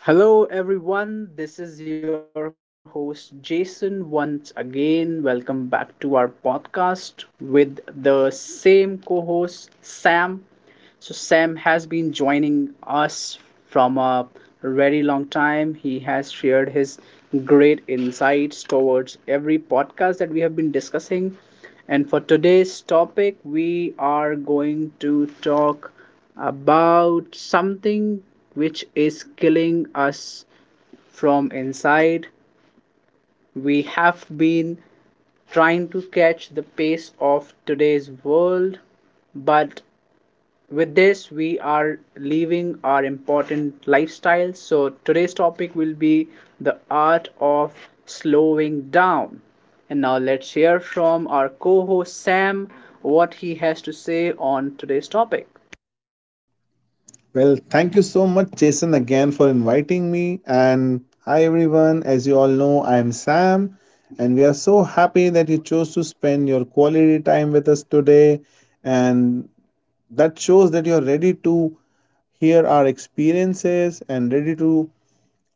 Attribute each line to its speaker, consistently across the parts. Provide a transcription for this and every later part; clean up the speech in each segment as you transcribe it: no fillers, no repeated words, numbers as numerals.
Speaker 1: Hello, everyone. This is your host, Jason, once again. Welcome back to our podcast with the same co host, Sam. So Sam has been joining us from a very long time. He has shared his great insights towards every podcast that we have been discussing. And for today's topic, we are going to talk about something which is killing us from inside. We have been trying to catch the pace of today's world, but with this we are leaving our important lifestyles, so today's topic will be the art of slowing down. And now let's hear from our co-host Sam what he has to say on today's topic.
Speaker 2: Well, thank you so much, Jason, again for inviting me. And hi, everyone. As you all know, I am Sam, and we are so happy that you chose to spend your quality time with us today. And that shows that you're ready to hear our experiences and ready to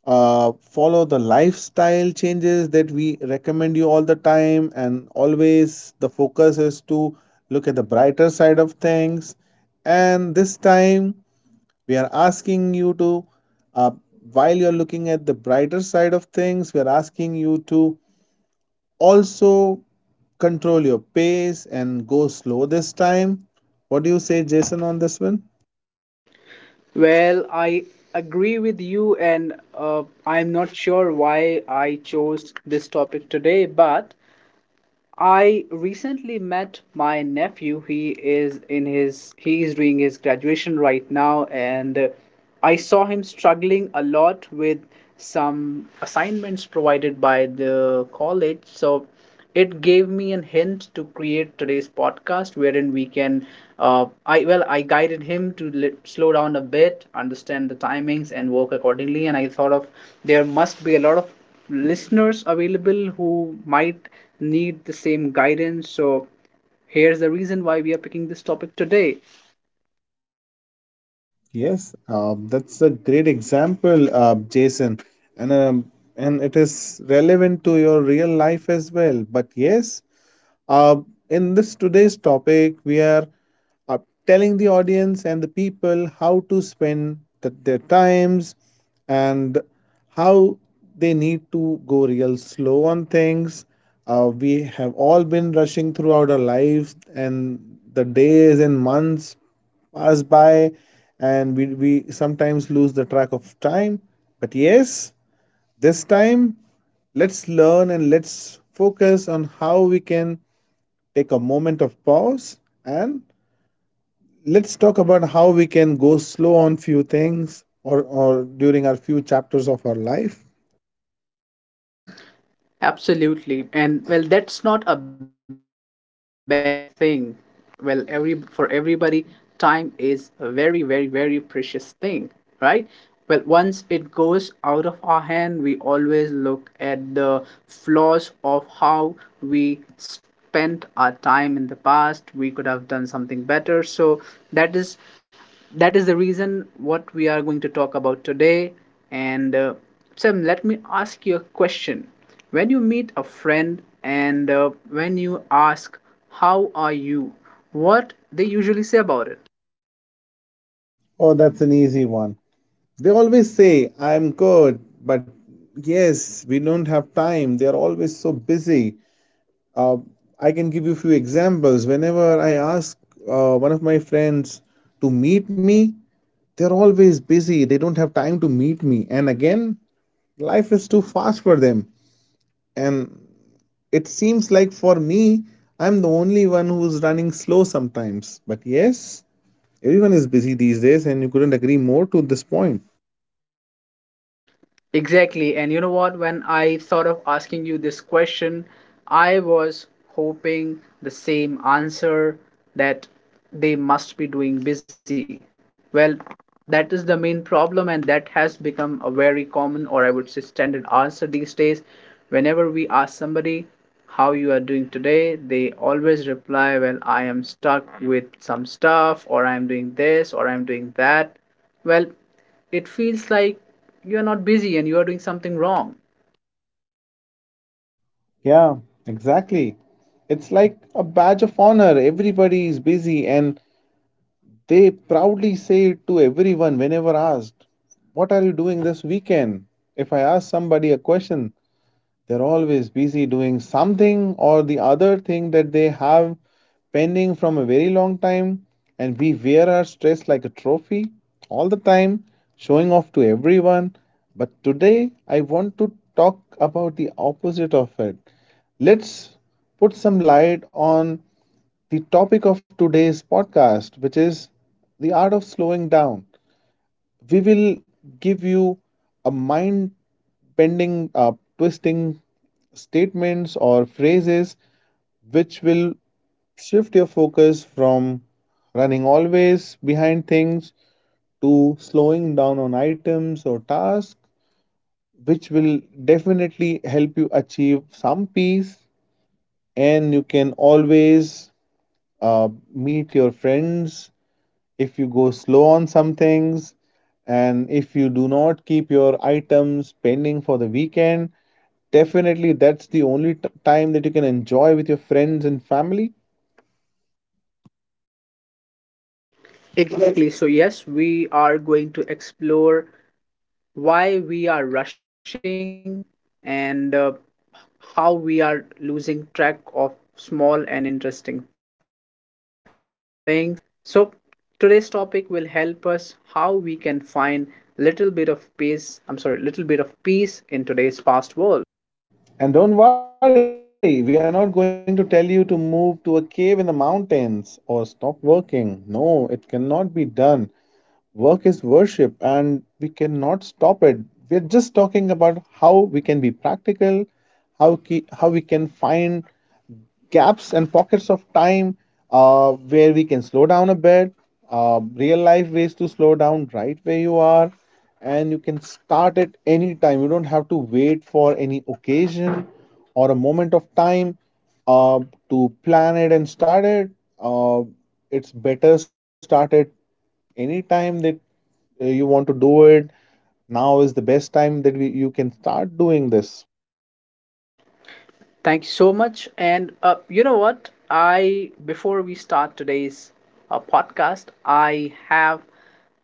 Speaker 2: follow the lifestyle changes that we recommend you all the time. And always, the focus is to look at the brighter side of things. And this time, we are asking you to, uh, while you're looking at the brighter side of things, we are asking you to also control your pace and go slow this time. What do you say, Jason, on this one?
Speaker 1: Well, I agree with you, and I'm not sure why I chose this topic today, but I recently met my nephew. He is doing his graduation right now, and I saw him struggling a lot with some assignments provided by the college. So it gave me a hint to create today's podcast, wherein we can I guided him to slow down a bit, understand the timings, and work accordingly. And I thought of, there must be a lot of listeners available who might need the same guidance. So, here's the reason why we are picking this topic today.
Speaker 2: Yes, that's a great example, Jason, and and it is relevant to your real life as well. But yes, Uh, in this today's topic, we are uh, telling the audience and the people how to spend their times and how they need to go real slow on things. We have all been rushing throughout our lives, and the days and months pass by, and we sometimes lose the track of time. But yes, this time let's learn and let's focus on how we can take a moment of pause and let's talk about how we can go slow on few things or during our few chapters of our life.
Speaker 1: Absolutely. And well, that's not a bad thing. Well, every for everybody, time is a very, very, very precious thing, right? Well, once it goes out of our hand, we always look at the flaws of how we spent our time in the past. We could have done something better. So that is that is the reason what we are going to talk about today. And Sam, let me ask you a question. When you meet a friend and when you ask, "How are you?" what they usually say about it.
Speaker 2: Oh, that's an easy one. They always say, I'm good, but yes, we don't have time. They're always so busy. Uh, I can give you a few examples. Whenever I ask one of my friends to meet me, they're always busy. They don't have time to meet me. And again, life is too fast for them. And it seems like for me, I'm the only one who's running slow sometimes. But yes, everyone is busy these days, and you couldn't agree more to this point.
Speaker 1: Exactly. And you know what? When I thought of asking you this question, I was hoping the same answer, that they must be doing busy. Well, that is the main problem, and that has become a very common or I would say standard answer these days. Whenever we ask somebody how you are doing today, they always reply, "Well, I am stuck with some stuff, or I am doing this, or I am doing that." Well, it feels like you're not busy and you are doing something wrong.
Speaker 2: Yeah, exactly. It's like a badge of honor. Everybody is busy and they proudly say it to everyone whenever asked, what are you doing this weekend? If I ask somebody a question, they're always busy doing something or the other thing that they have pending from a very long time, and we wear our stress like a trophy all the time, showing off to everyone. But today, I want to talk about the opposite of it. Let's put some light on the topic of today's podcast, which is the art of slowing down. We will give you a mind bending, twisting statements or phrases which will shift your focus from running always behind things to slowing down on items or tasks, which will definitely help you achieve some peace. And you can always meet your friends, if you go slow on some things, and if you do not keep your items pending for the weekend, definitely that's the only time that you can enjoy with your friends and family.
Speaker 1: Exactly. So, yes, we are going to explore why we are rushing and how we are losing track of small and interesting things. So, today's topic will help us how we can find little bit of peace in today's fast world.
Speaker 2: And don't worry, we are not going to tell you to move to a cave in the mountains or stop working. No, it cannot be done. Work is worship and we cannot stop it. We're just talking about how we can be practical, how, how we can find gaps and pockets of time where we can slow down a bit, real life ways to slow down right where you are, and you can start at any time. You don't have to wait for any occasion moment of time uh, to plan it and start it. Uh, it's better start at any time that you want to do it. Now is the best time that you can start doing this.
Speaker 1: Thank you so much. And you know what? Before we start today's podcast, I have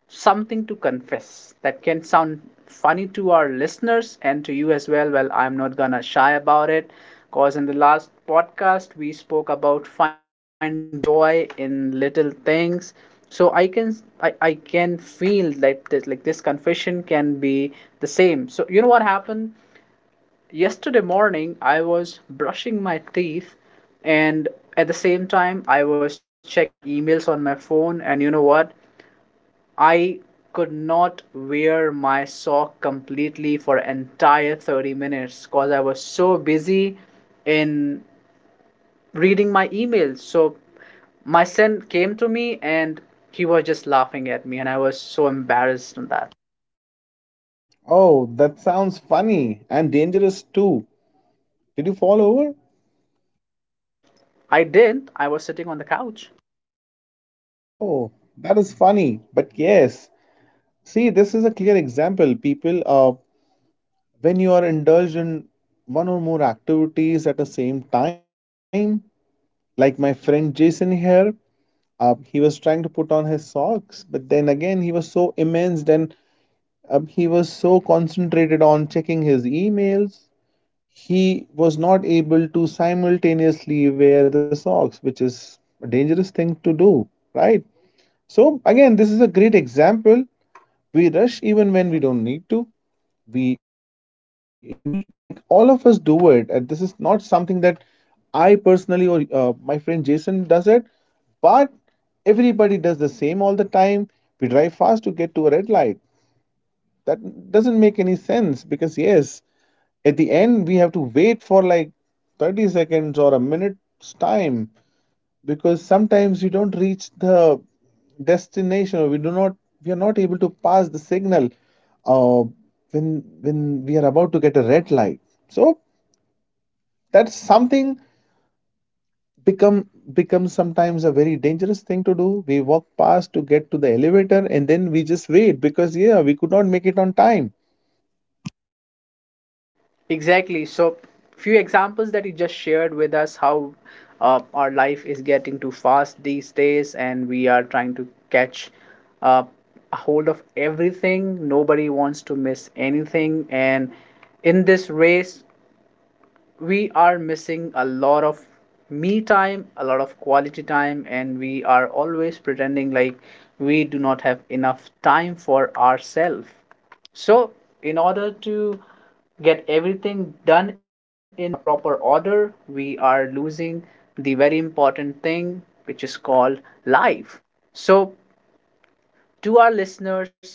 Speaker 1: something to confess that can sound funny to our listeners and to you as well. Well, I'm not gonna shy about it, because in the last podcast we spoke about finding joy in little things. So I can feel like this confession can be the same. So you know what happened? Yesterday morning I was brushing my teeth, and at the same time I was checking my emails on my phone, and you know what? I could not wear my sock completely for entire 30 minutes, cause I was so busy in reading my emails. So my son came to me, and he was just laughing at me, and I was so embarrassed on that.
Speaker 2: Oh, that sounds funny and dangerous too. Did you fall over?
Speaker 1: I didn't. I was sitting on the couch.
Speaker 2: Oh, that is funny. But yes, see, this is a clear example, people, of when you are indulged in one or more activities at the same time. Like my friend Jason here, he was trying to put on his socks, but then again, he was so immersed and he was so concentrated on checking his emails he was not able to simultaneously wear the socks, which is a dangerous thing to do, right? So, again, this is a great example. We rush even when we don't need to. We use like all of us do it, and this is not something that I personally or my friend Jason does it, but everybody does the same all the time. We drive fast to get to a red light. That doesn't make any sense because, yes, at the end we have to wait for like 30 seconds or a minute's time because sometimes we don't reach the destination or we do not we are not able to pass the signal uh, when we are about to get a red light. So that's something become becomes sometimes a very dangerous thing to do. We walk past to get to the elevator and then we just wait because yeah we could not make it on time.
Speaker 1: Exactly. So, few examples that you just shared with us, how our life is getting too fast these days, and we are trying to catch uh, a hold of everything. Nobody wants to miss anything, and in this race, we are missing a lot of me time, a lot of quality time, and we are always pretending like we do not have enough time for ourselves. So in order to get everything done in a proper order, we are losing the very important thing, which is called life. So, to our listeners,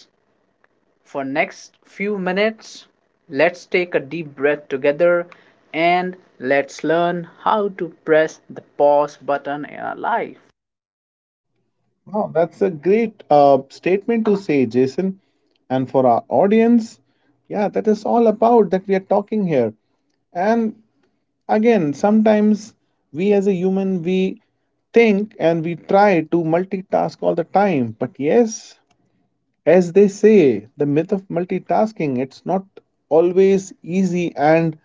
Speaker 1: for next few minutes, let's take a deep breath together and let's learn how to press the pause button in our life.
Speaker 2: Wow, that's a great statement to say, Jason. And for our audience, yeah, that is all about that we are talking here. And again, sometimes we as a human, we think and we try to multitask all the time. But yes, as they say, the myth of multitasking, it's not always easy and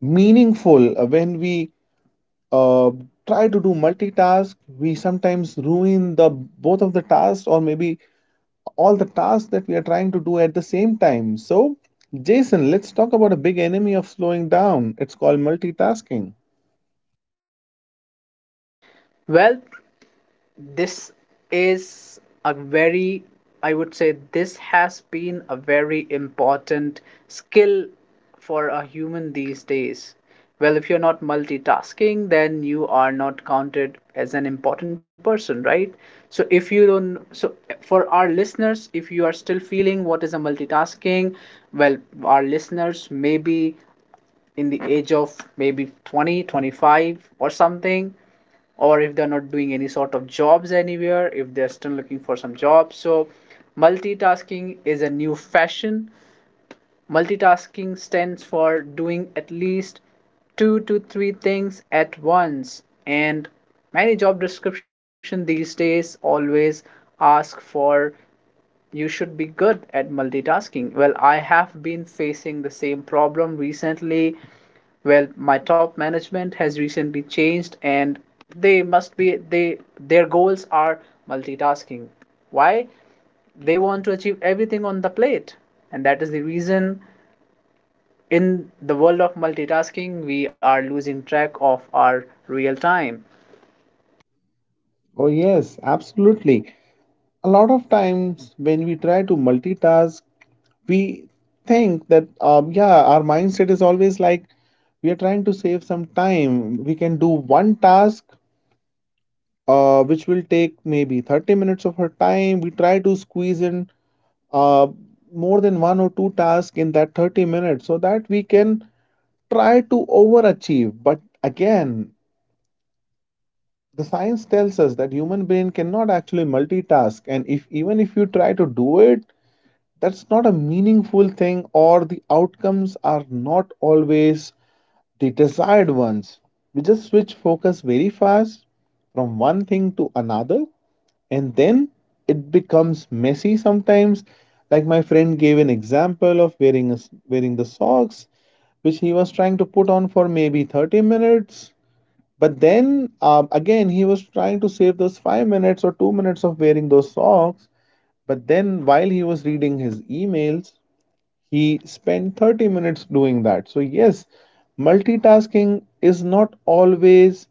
Speaker 2: meaningful when we uh, try to do multitask we sometimes ruin the both of the tasks or maybe all the tasks that we are trying to do at the same time. So Jason, let's talk about a big enemy of slowing down, it's called multitasking.
Speaker 1: Well, this is a very I would say this has been a very important skill for a human these days. Well, if you're not multitasking, then you are not counted as an important person, right? So, for our listeners, if you are still feeling what is a multitasking, well, our listeners maybe in the age of maybe 20, 25, or something, or if they're not doing any sort of jobs anywhere, if they're still looking for some jobs, so multitasking is a new fashion. Multitasking stands for doing at least 2 to 3 things at once, and many job description these days always ask for, you should be good at multitasking. Well, I have been facing the same problem recently. Well, my top management has recently changed, and they must be they their goals are multitasking. Why? They want to achieve everything on the plate. And that is the reason, in the world of multitasking, we are losing track of our real time.
Speaker 2: Oh, yes, absolutely. A lot of times when we try to multitask, we think that, yeah, our mindset is always like we are trying to save some time. We can do one task, which will take maybe 30 minutes of our time. We try to squeeze in uh, more than one or two tasks in that 30 minutes so that we can try to overachieve. But again, the science tells us that human brain cannot actually multitask, and if even if you try to do it that's not a meaningful thing or the outcomes are not always the desired ones. We just switch focus very fast from one thing to another, and then it becomes messy sometimes. Like my friend gave an example of wearing a s wearing the socks which he was trying to put on for maybe 30 minutes, but then again, he was trying to save those 5 minutes or 2 minutes of wearing those socks. But then while he was reading his emails, he spent 30 minutes doing that. So, yes, multitasking is not always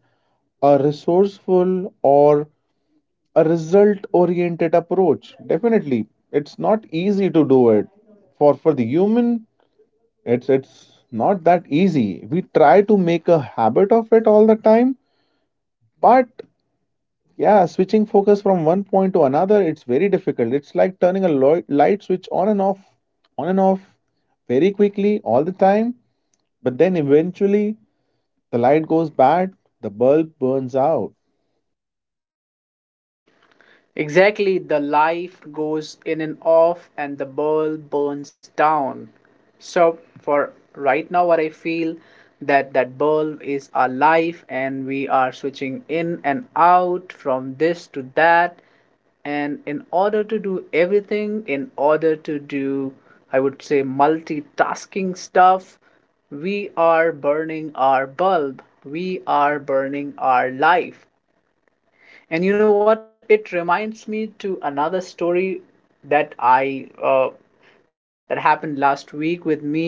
Speaker 2: a resourceful or a result oriented approach. Definitely, it's not easy to do it. For the human, it's not that easy. We try to make a habit of it all the time, but yeah, switching focus from one point to another, it's very difficult. It's like turning a light switch on and off, very quickly, all the time. But then eventually, the light goes bad, the bulb burns out.
Speaker 1: Exactly, the life goes in and off, and the bulb burns down. So, for right now, what I feel, that bulb is our life, and we are switching in and out from this to that. And in order to do everything, in order to do, I would say, multitasking stuff, we are burning our bulb, we are burning our life. And you know what? It reminds me to another story that I uh, that happened last week with me.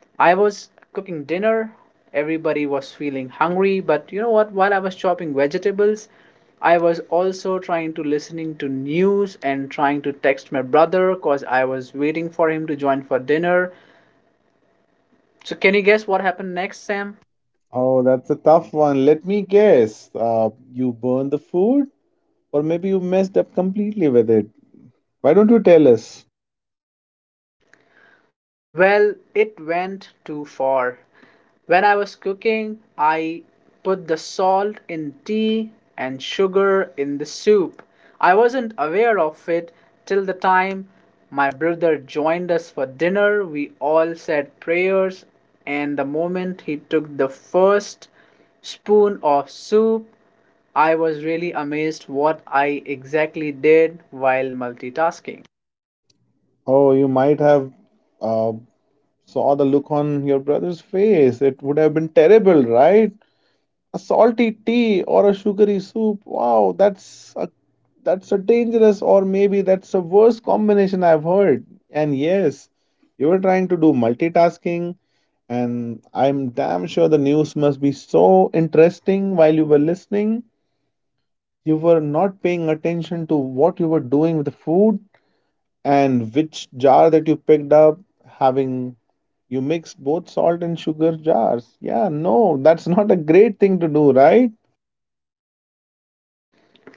Speaker 1: I was cooking dinner. Everybody was feeling hungry, but you know what? While I was chopping vegetables, I was also trying to listening to news and trying to text my brother, cause I was waiting for him to join for dinner. So can you guess what happened next, Sam?
Speaker 2: Oh, that's a tough one. Let me guess. You burned the food, or maybe you messed up completely with it. Why don't you tell us?
Speaker 1: Well, it went too far. When I was cooking, I put the salt in tea and sugar in the soup. I wasn't aware of it till the time my brother joined us for dinner. We all said prayers, and the moment he took the first spoon of soup, I was really amazed what I exactly did while multitasking.
Speaker 2: Oh, you might have uh, saw the look on your brother's face. It would have been terrible, right? A salty tea or a sugary soup. Wow, that's a dangerous or maybe that's the worst combination I've heard. And yes, you were trying to do multitasking, and I'm damn sure the news must be so interesting while you were listening. You were not paying attention to what you were doing with the food and which jar that you picked up, having you mixed both salt and sugar jars. Yeah, no, that's not a great thing to do, right?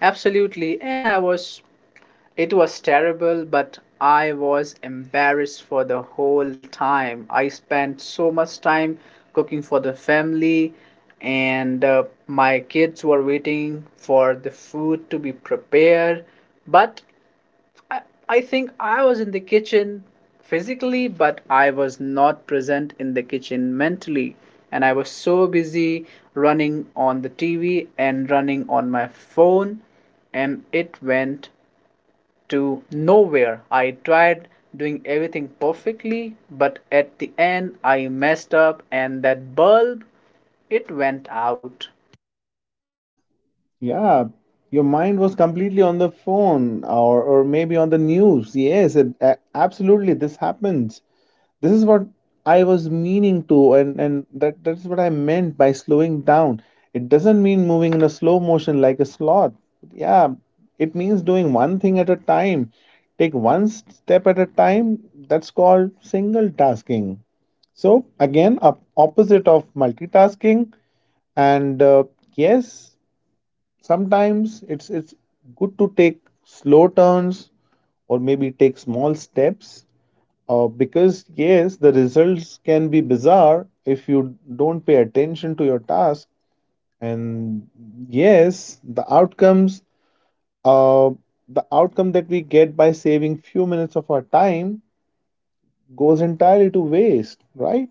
Speaker 1: Absolutely, and I was it was terrible, but I was embarrassed for the whole time. I spent so much time cooking for the family, and my kids were waiting for the food to be prepared. But I, I think I was in the kitchen physically, but I was not present in the kitchen mentally. And I was so busy running on the TV and running on my phone, and it went to nowhere. I tried doing everything perfectly, but at the end I messed up, and that bulb, it went out.
Speaker 2: Yeah, your mind was completely on the phone or maybe on the news. Yes, it, absolutely, this happens. This is what I was meaning to, and that's what I meant by slowing down. It doesn't mean moving in a slow motion like a sloth. Yeah, it means doing one thing at a time. Take one step at a time. That's called single tasking. So, again, a opposite of multitasking. And yes, sometimes it's good to take slow turns or maybe take small steps because yes the results can be bizarre if you don't pay attention to your task, and yes the outcomes uh, the outcome that we get by saving few minutes of our time goes entirely to waste, right?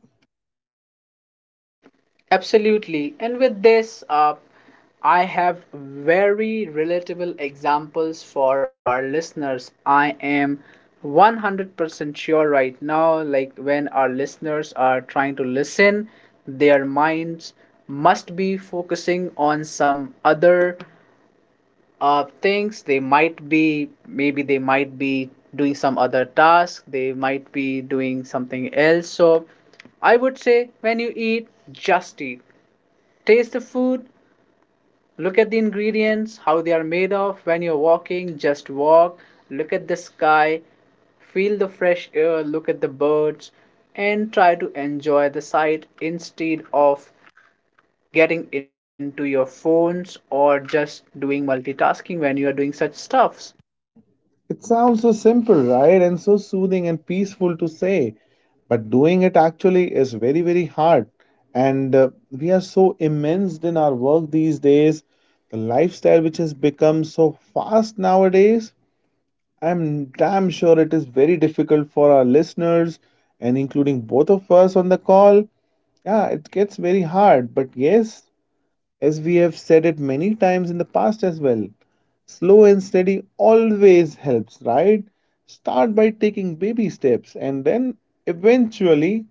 Speaker 1: Absolutely. And with this, I have very relatable examples for our listeners. I am 100% sure right now, like when our listeners are trying to listen, their minds must be focusing on some other things. Maybe they might be doing some other task. They might be doing something else. So I would say, when you eat, just eat. Taste the food, look at the ingredients, how they are made of. When you're walking, just walk. Look at the sky, feel the fresh air, look at the birds, and try to enjoy the sight instead of getting into your phones or just doing multitasking when you are doing such stuffs.
Speaker 2: It sounds so simple, right? And so soothing and peaceful to say. But doing it actually is very, very hard. And we are so immersed in our work these days. The lifestyle which has become so fast nowadays, I'm damn sure it is very difficult for our listeners and including both of us on the call. Yeah, it gets very hard. But yes, as we have said it many times in the past as well, slow and steady always helps, right? Start by taking baby steps, and then eventually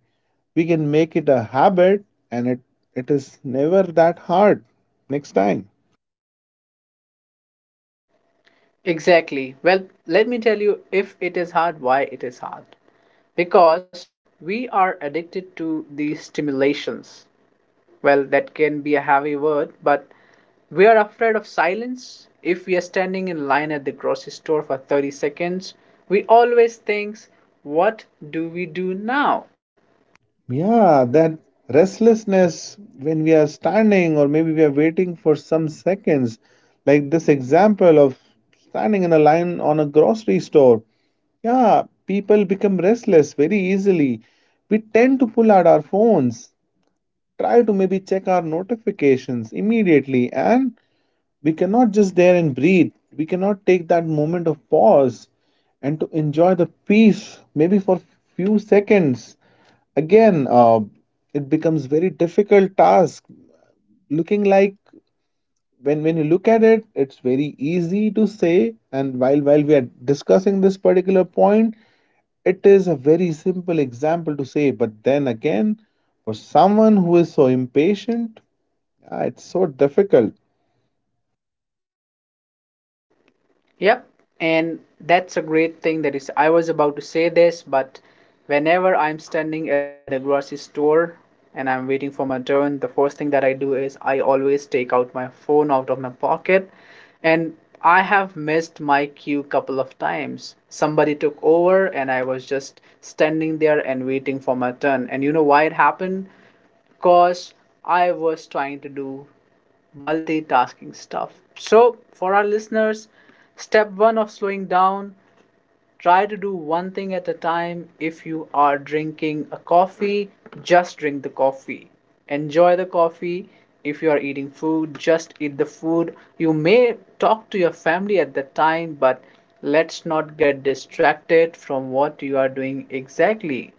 Speaker 2: we can make it a habit, and it is never that hard next time.
Speaker 1: Exactly. Well, let me tell you, if it is hard, why it is hard. Because we are addicted to these stimulations. Well, that can be a heavy word, but we are afraid of silence. If we are standing in line at the grocery store for 30 seconds, we always think, what do we do now?
Speaker 2: Yeah, that restlessness when we are standing or maybe we are waiting for some seconds, like this example of standing in a line on a grocery store. Yeah, people become restless very easily. We tend to pull out our phones, try to maybe check our notifications immediately, and we cannot just there and breathe we cannot take that moment of pause and to enjoy the peace maybe for few seconds again it becomes very difficult task looking like when you look at it it's very easy to say and while we are discussing this particular point it is a very simple example to say but then again for someone who is so impatient it's so difficult.
Speaker 1: Yep, and that's a great thing, that is, I was about to say this, but whenever I'm standing at the grocery store and I'm waiting for my turn, the first thing that I do is I always take out my phone out of my pocket, and I have missed my queue couple of times. Somebody took over and I was just standing there and waiting for my turn. And you know why it happened? Because I was trying to do multitasking stuff. So, for our listeners, step one of slowing down, try to do one thing at a time. If you are drinking a coffee, just drink the coffee. Enjoy the coffee. If you are eating food, just eat the food. You may talk to your family at that time, but let's not get distracted from what you are doing exactly.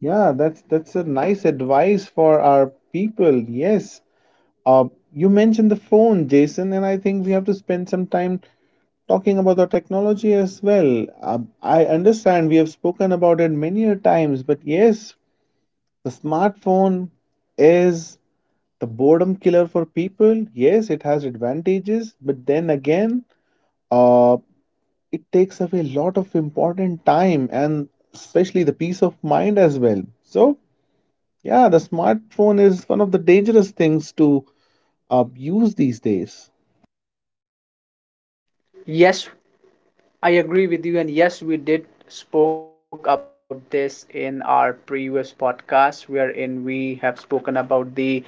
Speaker 2: That's a nice advice for our people. Yes. Uh, you mentioned the phone, Jason, and I think we have to spend some time talking about the technology as well. I understand we have spoken about it many a times, but yes, the smartphone is the boredom killer for people. Yes, it has advantages, but then again, uh, it takes away a lot of important time and especially the peace of mind as well. So yeah, the smartphone is one of the dangerous things to abuse these days.
Speaker 1: Yes, I agree with you, and yes, we did spoke about this in our previous podcast, wherein we have spoken about the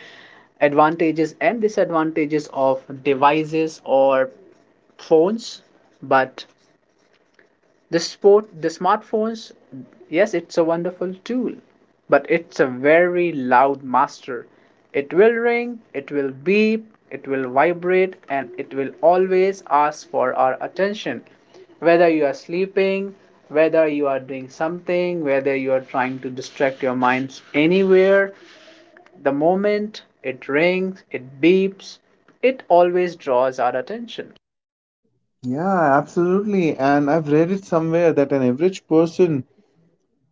Speaker 1: advantages and disadvantages of devices or phones. But the smartphones, yes, it's a wonderful tool, but it's a very loud master. It will ring, it will beep, it will vibrate, and it will always ask for our attention. Whether you are sleeping, whether you are doing something, whether you are trying to distract your minds anywhere, the moment it rings, it beeps, it always draws our attention.
Speaker 2: Yeah, absolutely. And I've read it somewhere that an average person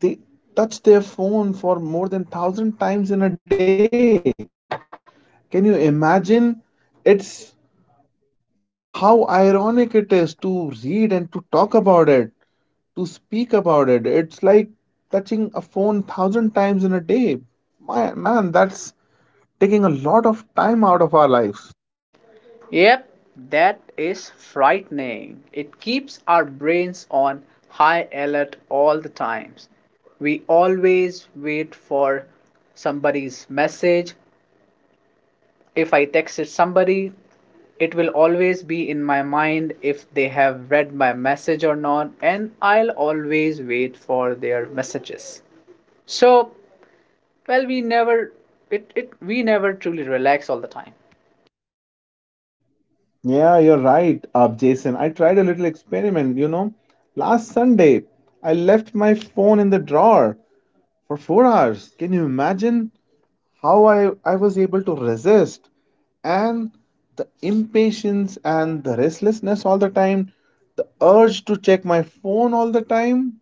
Speaker 2: they touch their phone for more than 1,000 times in a day. Can you imagine? It's how ironic it is to read and to talk about it, to speak about it. It's like touching a phone 1,000 times in a day. Man, man, that's taking a lot of time out of our lives.
Speaker 1: Yep, that is frightening. It keeps our brains on high alert all the times. We always wait for somebody's message. If I texted somebody, it will always be in my mind if they have read my message or not, and I'll always wait for their messages. So, well, we never truly relax all the time.
Speaker 2: Yeah, you're right, up Jason. I tried a experiment, you know. Last Sunday, I left my phone in the drawer for 4 hours. Can you imagine how I was able to resist? And the impatience and the restlessness all the time, the urge to check my phone all the time,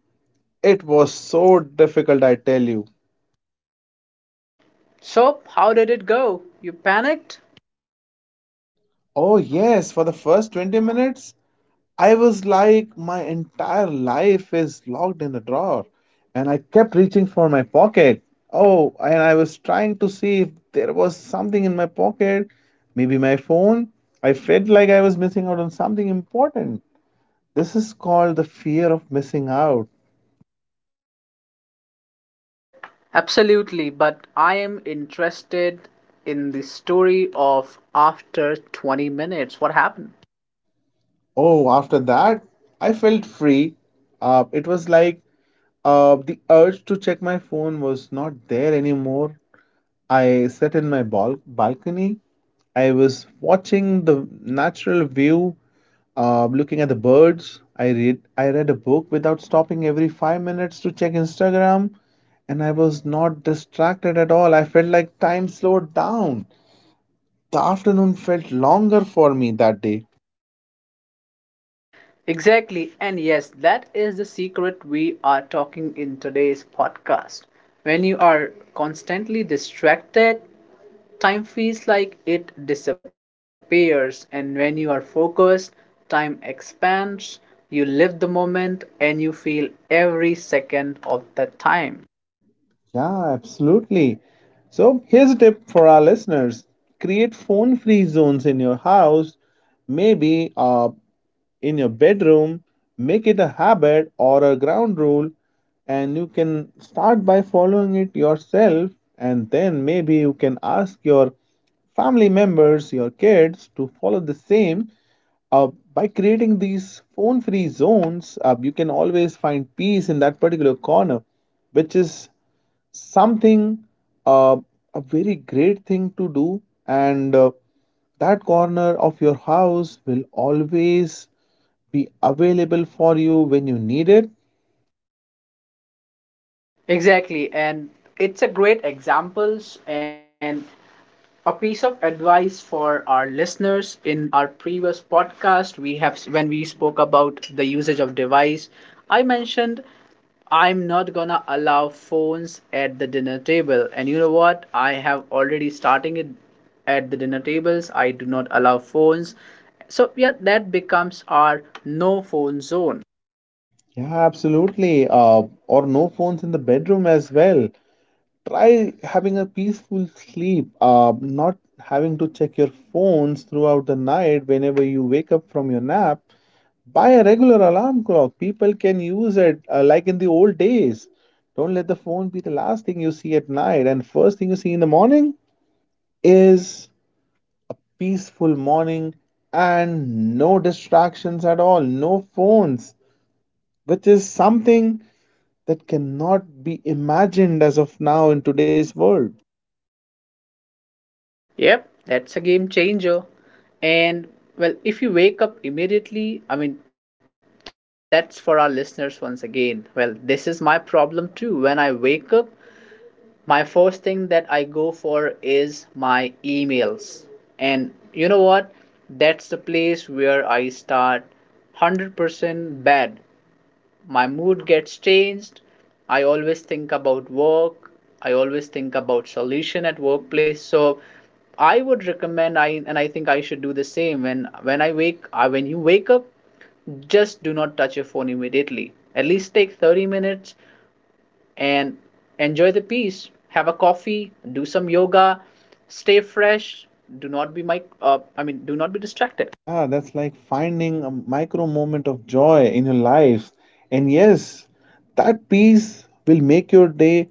Speaker 2: it was so difficult, I tell you.
Speaker 1: So, how did it go? You panicked?
Speaker 2: Oh, yes, for the first 20 minutes, I was like, my entire life is locked in the drawer. Kept reaching for my pocket. Oh, and I was trying to see if there was something in my pocket, maybe my phone. I felt like I was missing out on something important. This is called the fear of missing out.
Speaker 1: Absolutely, but I am interested in the story of after 20 minutes. What happened?
Speaker 2: Oh, after that, I felt free. It was like The urge to check my phone was not there anymore. I sat in my balcony. I was watching the natural view, looking at the birds. I read a book without stopping every 5 minutes to check Instagram, and I was not distracted at all. I felt like time slowed down. The afternoon felt longer for me that day.
Speaker 1: Exactly, and yes, that is the secret we are talking in today's podcast. When you are constantly distracted, time feels like it disappears, and when you are focused, time expands. You live the moment and you feel every second of the time.
Speaker 2: Yeah, absolutely. So here's a tip for our listeners: create phone-free zones in your house, maybe in your bedroom, make it a habit or a ground rule, and you can start by following it yourself. And then maybe you can ask your family members, your kids to follow the same. Uh, by creating these phone free zones, you can always find peace in that particular corner, which is something, uh, a very great thing to do, and that corner of your house will always be available for you when you need it.
Speaker 1: Exactly, and it's a great examples and a piece of advice for our listeners. In our previous podcast, we have when we spoke about the usage of device, I mentioned I'm not gonna allow phones at the dinner table. And you know what? I have already starting it at the dinner tables. I do not allow phones. So yeah, that becomes our no phone zone.
Speaker 2: Yeah, absolutely. Or no phones in the bedroom as well. Try having a peaceful sleep, not having to check your phones throughout the night whenever you wake up from your nap. Buy a regular alarm clock. People can use it like in the old days. Don't let the phone be the last thing you see at night and first thing you see in the morning is peaceful morning and no distractions at all, no phones, which is something that cannot be imagined as of now in today's world.
Speaker 1: Yep, that's a game changer. And well, if you wake up immediately, I mean, that's for our listeners once again. Well, this is my problem too. When I wake up, my first thing that I go for is my emails. And you know what? That's the place where I start 100% bad. My mood gets changed. I always think about work, I always think about solution at workplace. So I would recommend, I think I should do the same when I wake when you wake up, just do not touch your phone immediately. At least take 30 minutes and enjoy the peace, have a coffee, do some yoga, stay fresh. Do not be my, do not be distracted.
Speaker 2: Yeah, that's like finding a micro moment of joy in your life. And yes, that peace will make your day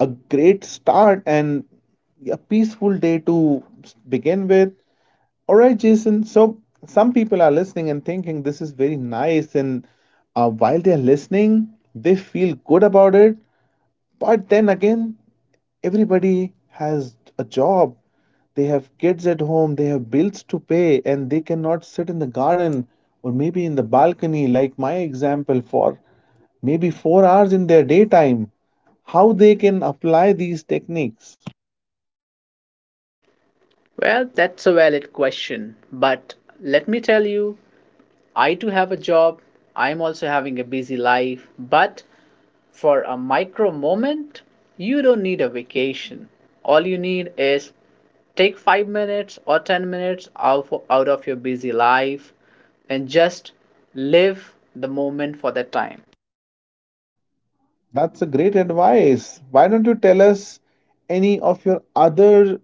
Speaker 2: a great start and a peaceful day to begin with. All right, Jason. So some people are listening and thinking this is very nice, and while they're listening, they feel good about it. But then again, everybody has a job. They have kids at home, they have bills to pay, and they cannot sit in the garden or maybe in the balcony, like my example, for maybe 4 hours in their daytime. How they can apply these techniques?
Speaker 1: Well, that's a valid question, but let me tell you, I too have a job. I am also having a busy life. But for a micro moment, you don't need a vacation. All you need is take 5 minutes or 10 minutes out of your busy life and just live the moment for that time.
Speaker 2: That's a great advice. Why don't you tell us any of your other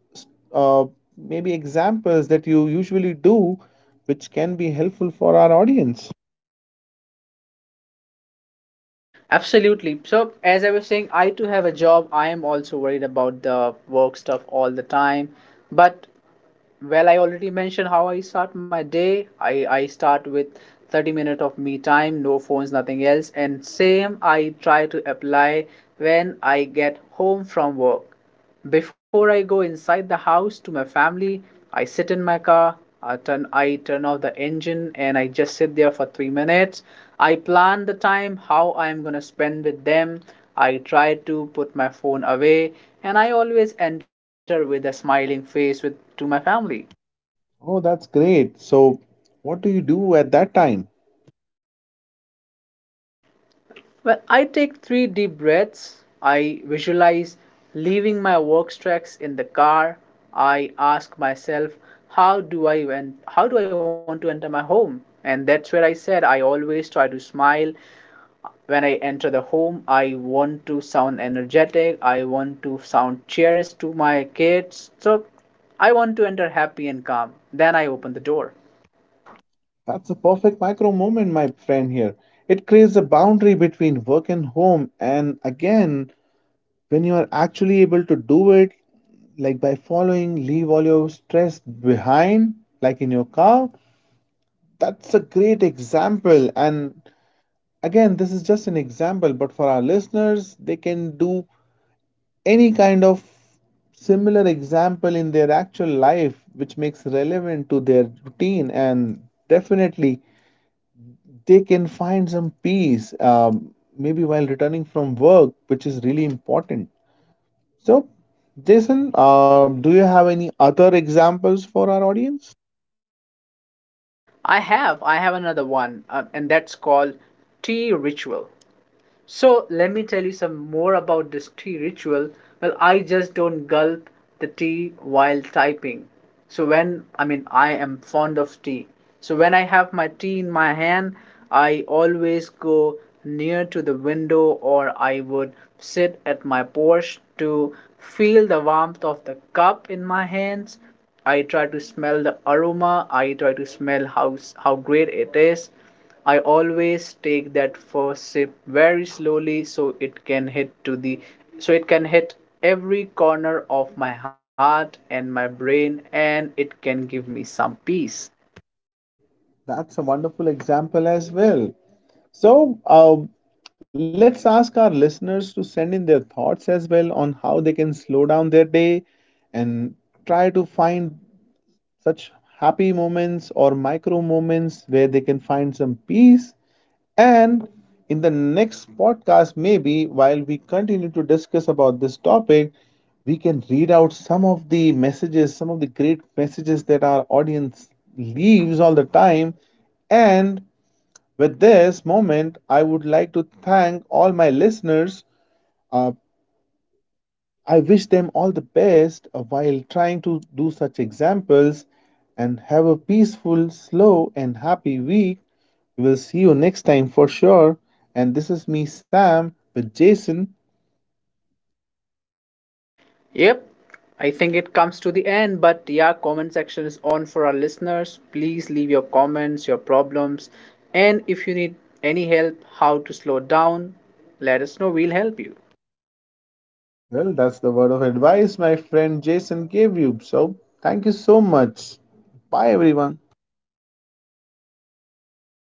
Speaker 2: uh, maybe examples that you usually do, which can be helpful for our audience?
Speaker 1: Absolutely. So, as I was saying, I too have a job. I am also worried about the work stuff all the time. But well, I already mentioned how I start my day. I start with 30 minutes of me time, no phones, nothing else. And same I try to apply when I get home from work. Before I go inside the house to my family, I sit in my car, I turn off the engine and I just sit there for 3 minutes. I plan the time, how I'm gonna spend with them. I try to put my phone away and I always enter with a smiling face with to my family.
Speaker 2: Oh, that's great. So, what do you do at that time?
Speaker 1: Well, I take three deep breaths, I visualize leaving my work tracks in the car. I ask myself, how do I want to enter my home? And that's where I said I always try to smile when I enter the home. I want to sound energetic. I want to sound cheerless to my kids. So I want to enter happy and calm. Then I open the door.
Speaker 2: That's a perfect micro moment, my friend here. It creates a boundary between work and home. And again, when you are actually able to do it, like by following, leave all your stress behind, like in your car, that's a great example. And again, this is just an example, but for our listeners, they can do any kind of similar example in their actual life which makes relevant to their routine and definitely they can find some peace, maybe while returning from work which is really important. So Jason, do you have any other examples for our audience?
Speaker 1: I have another one, and that's called tea ritual. So let me tell you some more about this tea ritual. Well, I just don't gulp the tea while typing. So when I mean I am fond of tea. So when I have my tea in my hand, I always go near to the window or I would sit at my porch to feel the warmth of the cup in my hands. I try to smell the aroma. I try to smell how great it is. I always take that first sip very slowly so it can hit to the so it can hit every corner of my heart and my brain and it can give me some peace.
Speaker 2: That's a wonderful example as well. So, let's ask our listeners to send in their thoughts as well on how they can slow down their day and try to find such happy moments or micro moments where they can find some peace. And in the next podcast, maybe while we continue to discuss about this topic, we can read out some of the messages, some of the great messages that our audience leaves all the time. And with this moment, I would like to thank all my listeners. Uh, I wish them all the best while trying to do such examples and have a peaceful, slow, and happy week. We will see you next time for sure. And this is me, Sam, with Jason.
Speaker 1: Yep. I think it comes to the end, but yeah, comment section is on for our listeners. Please leave your comments, your problems, and if you need any help how to slow down, let us know. We'll help you.
Speaker 2: Well, that's the word of advice my friend Jason gave you. So, thank you so much. Bye, everyone.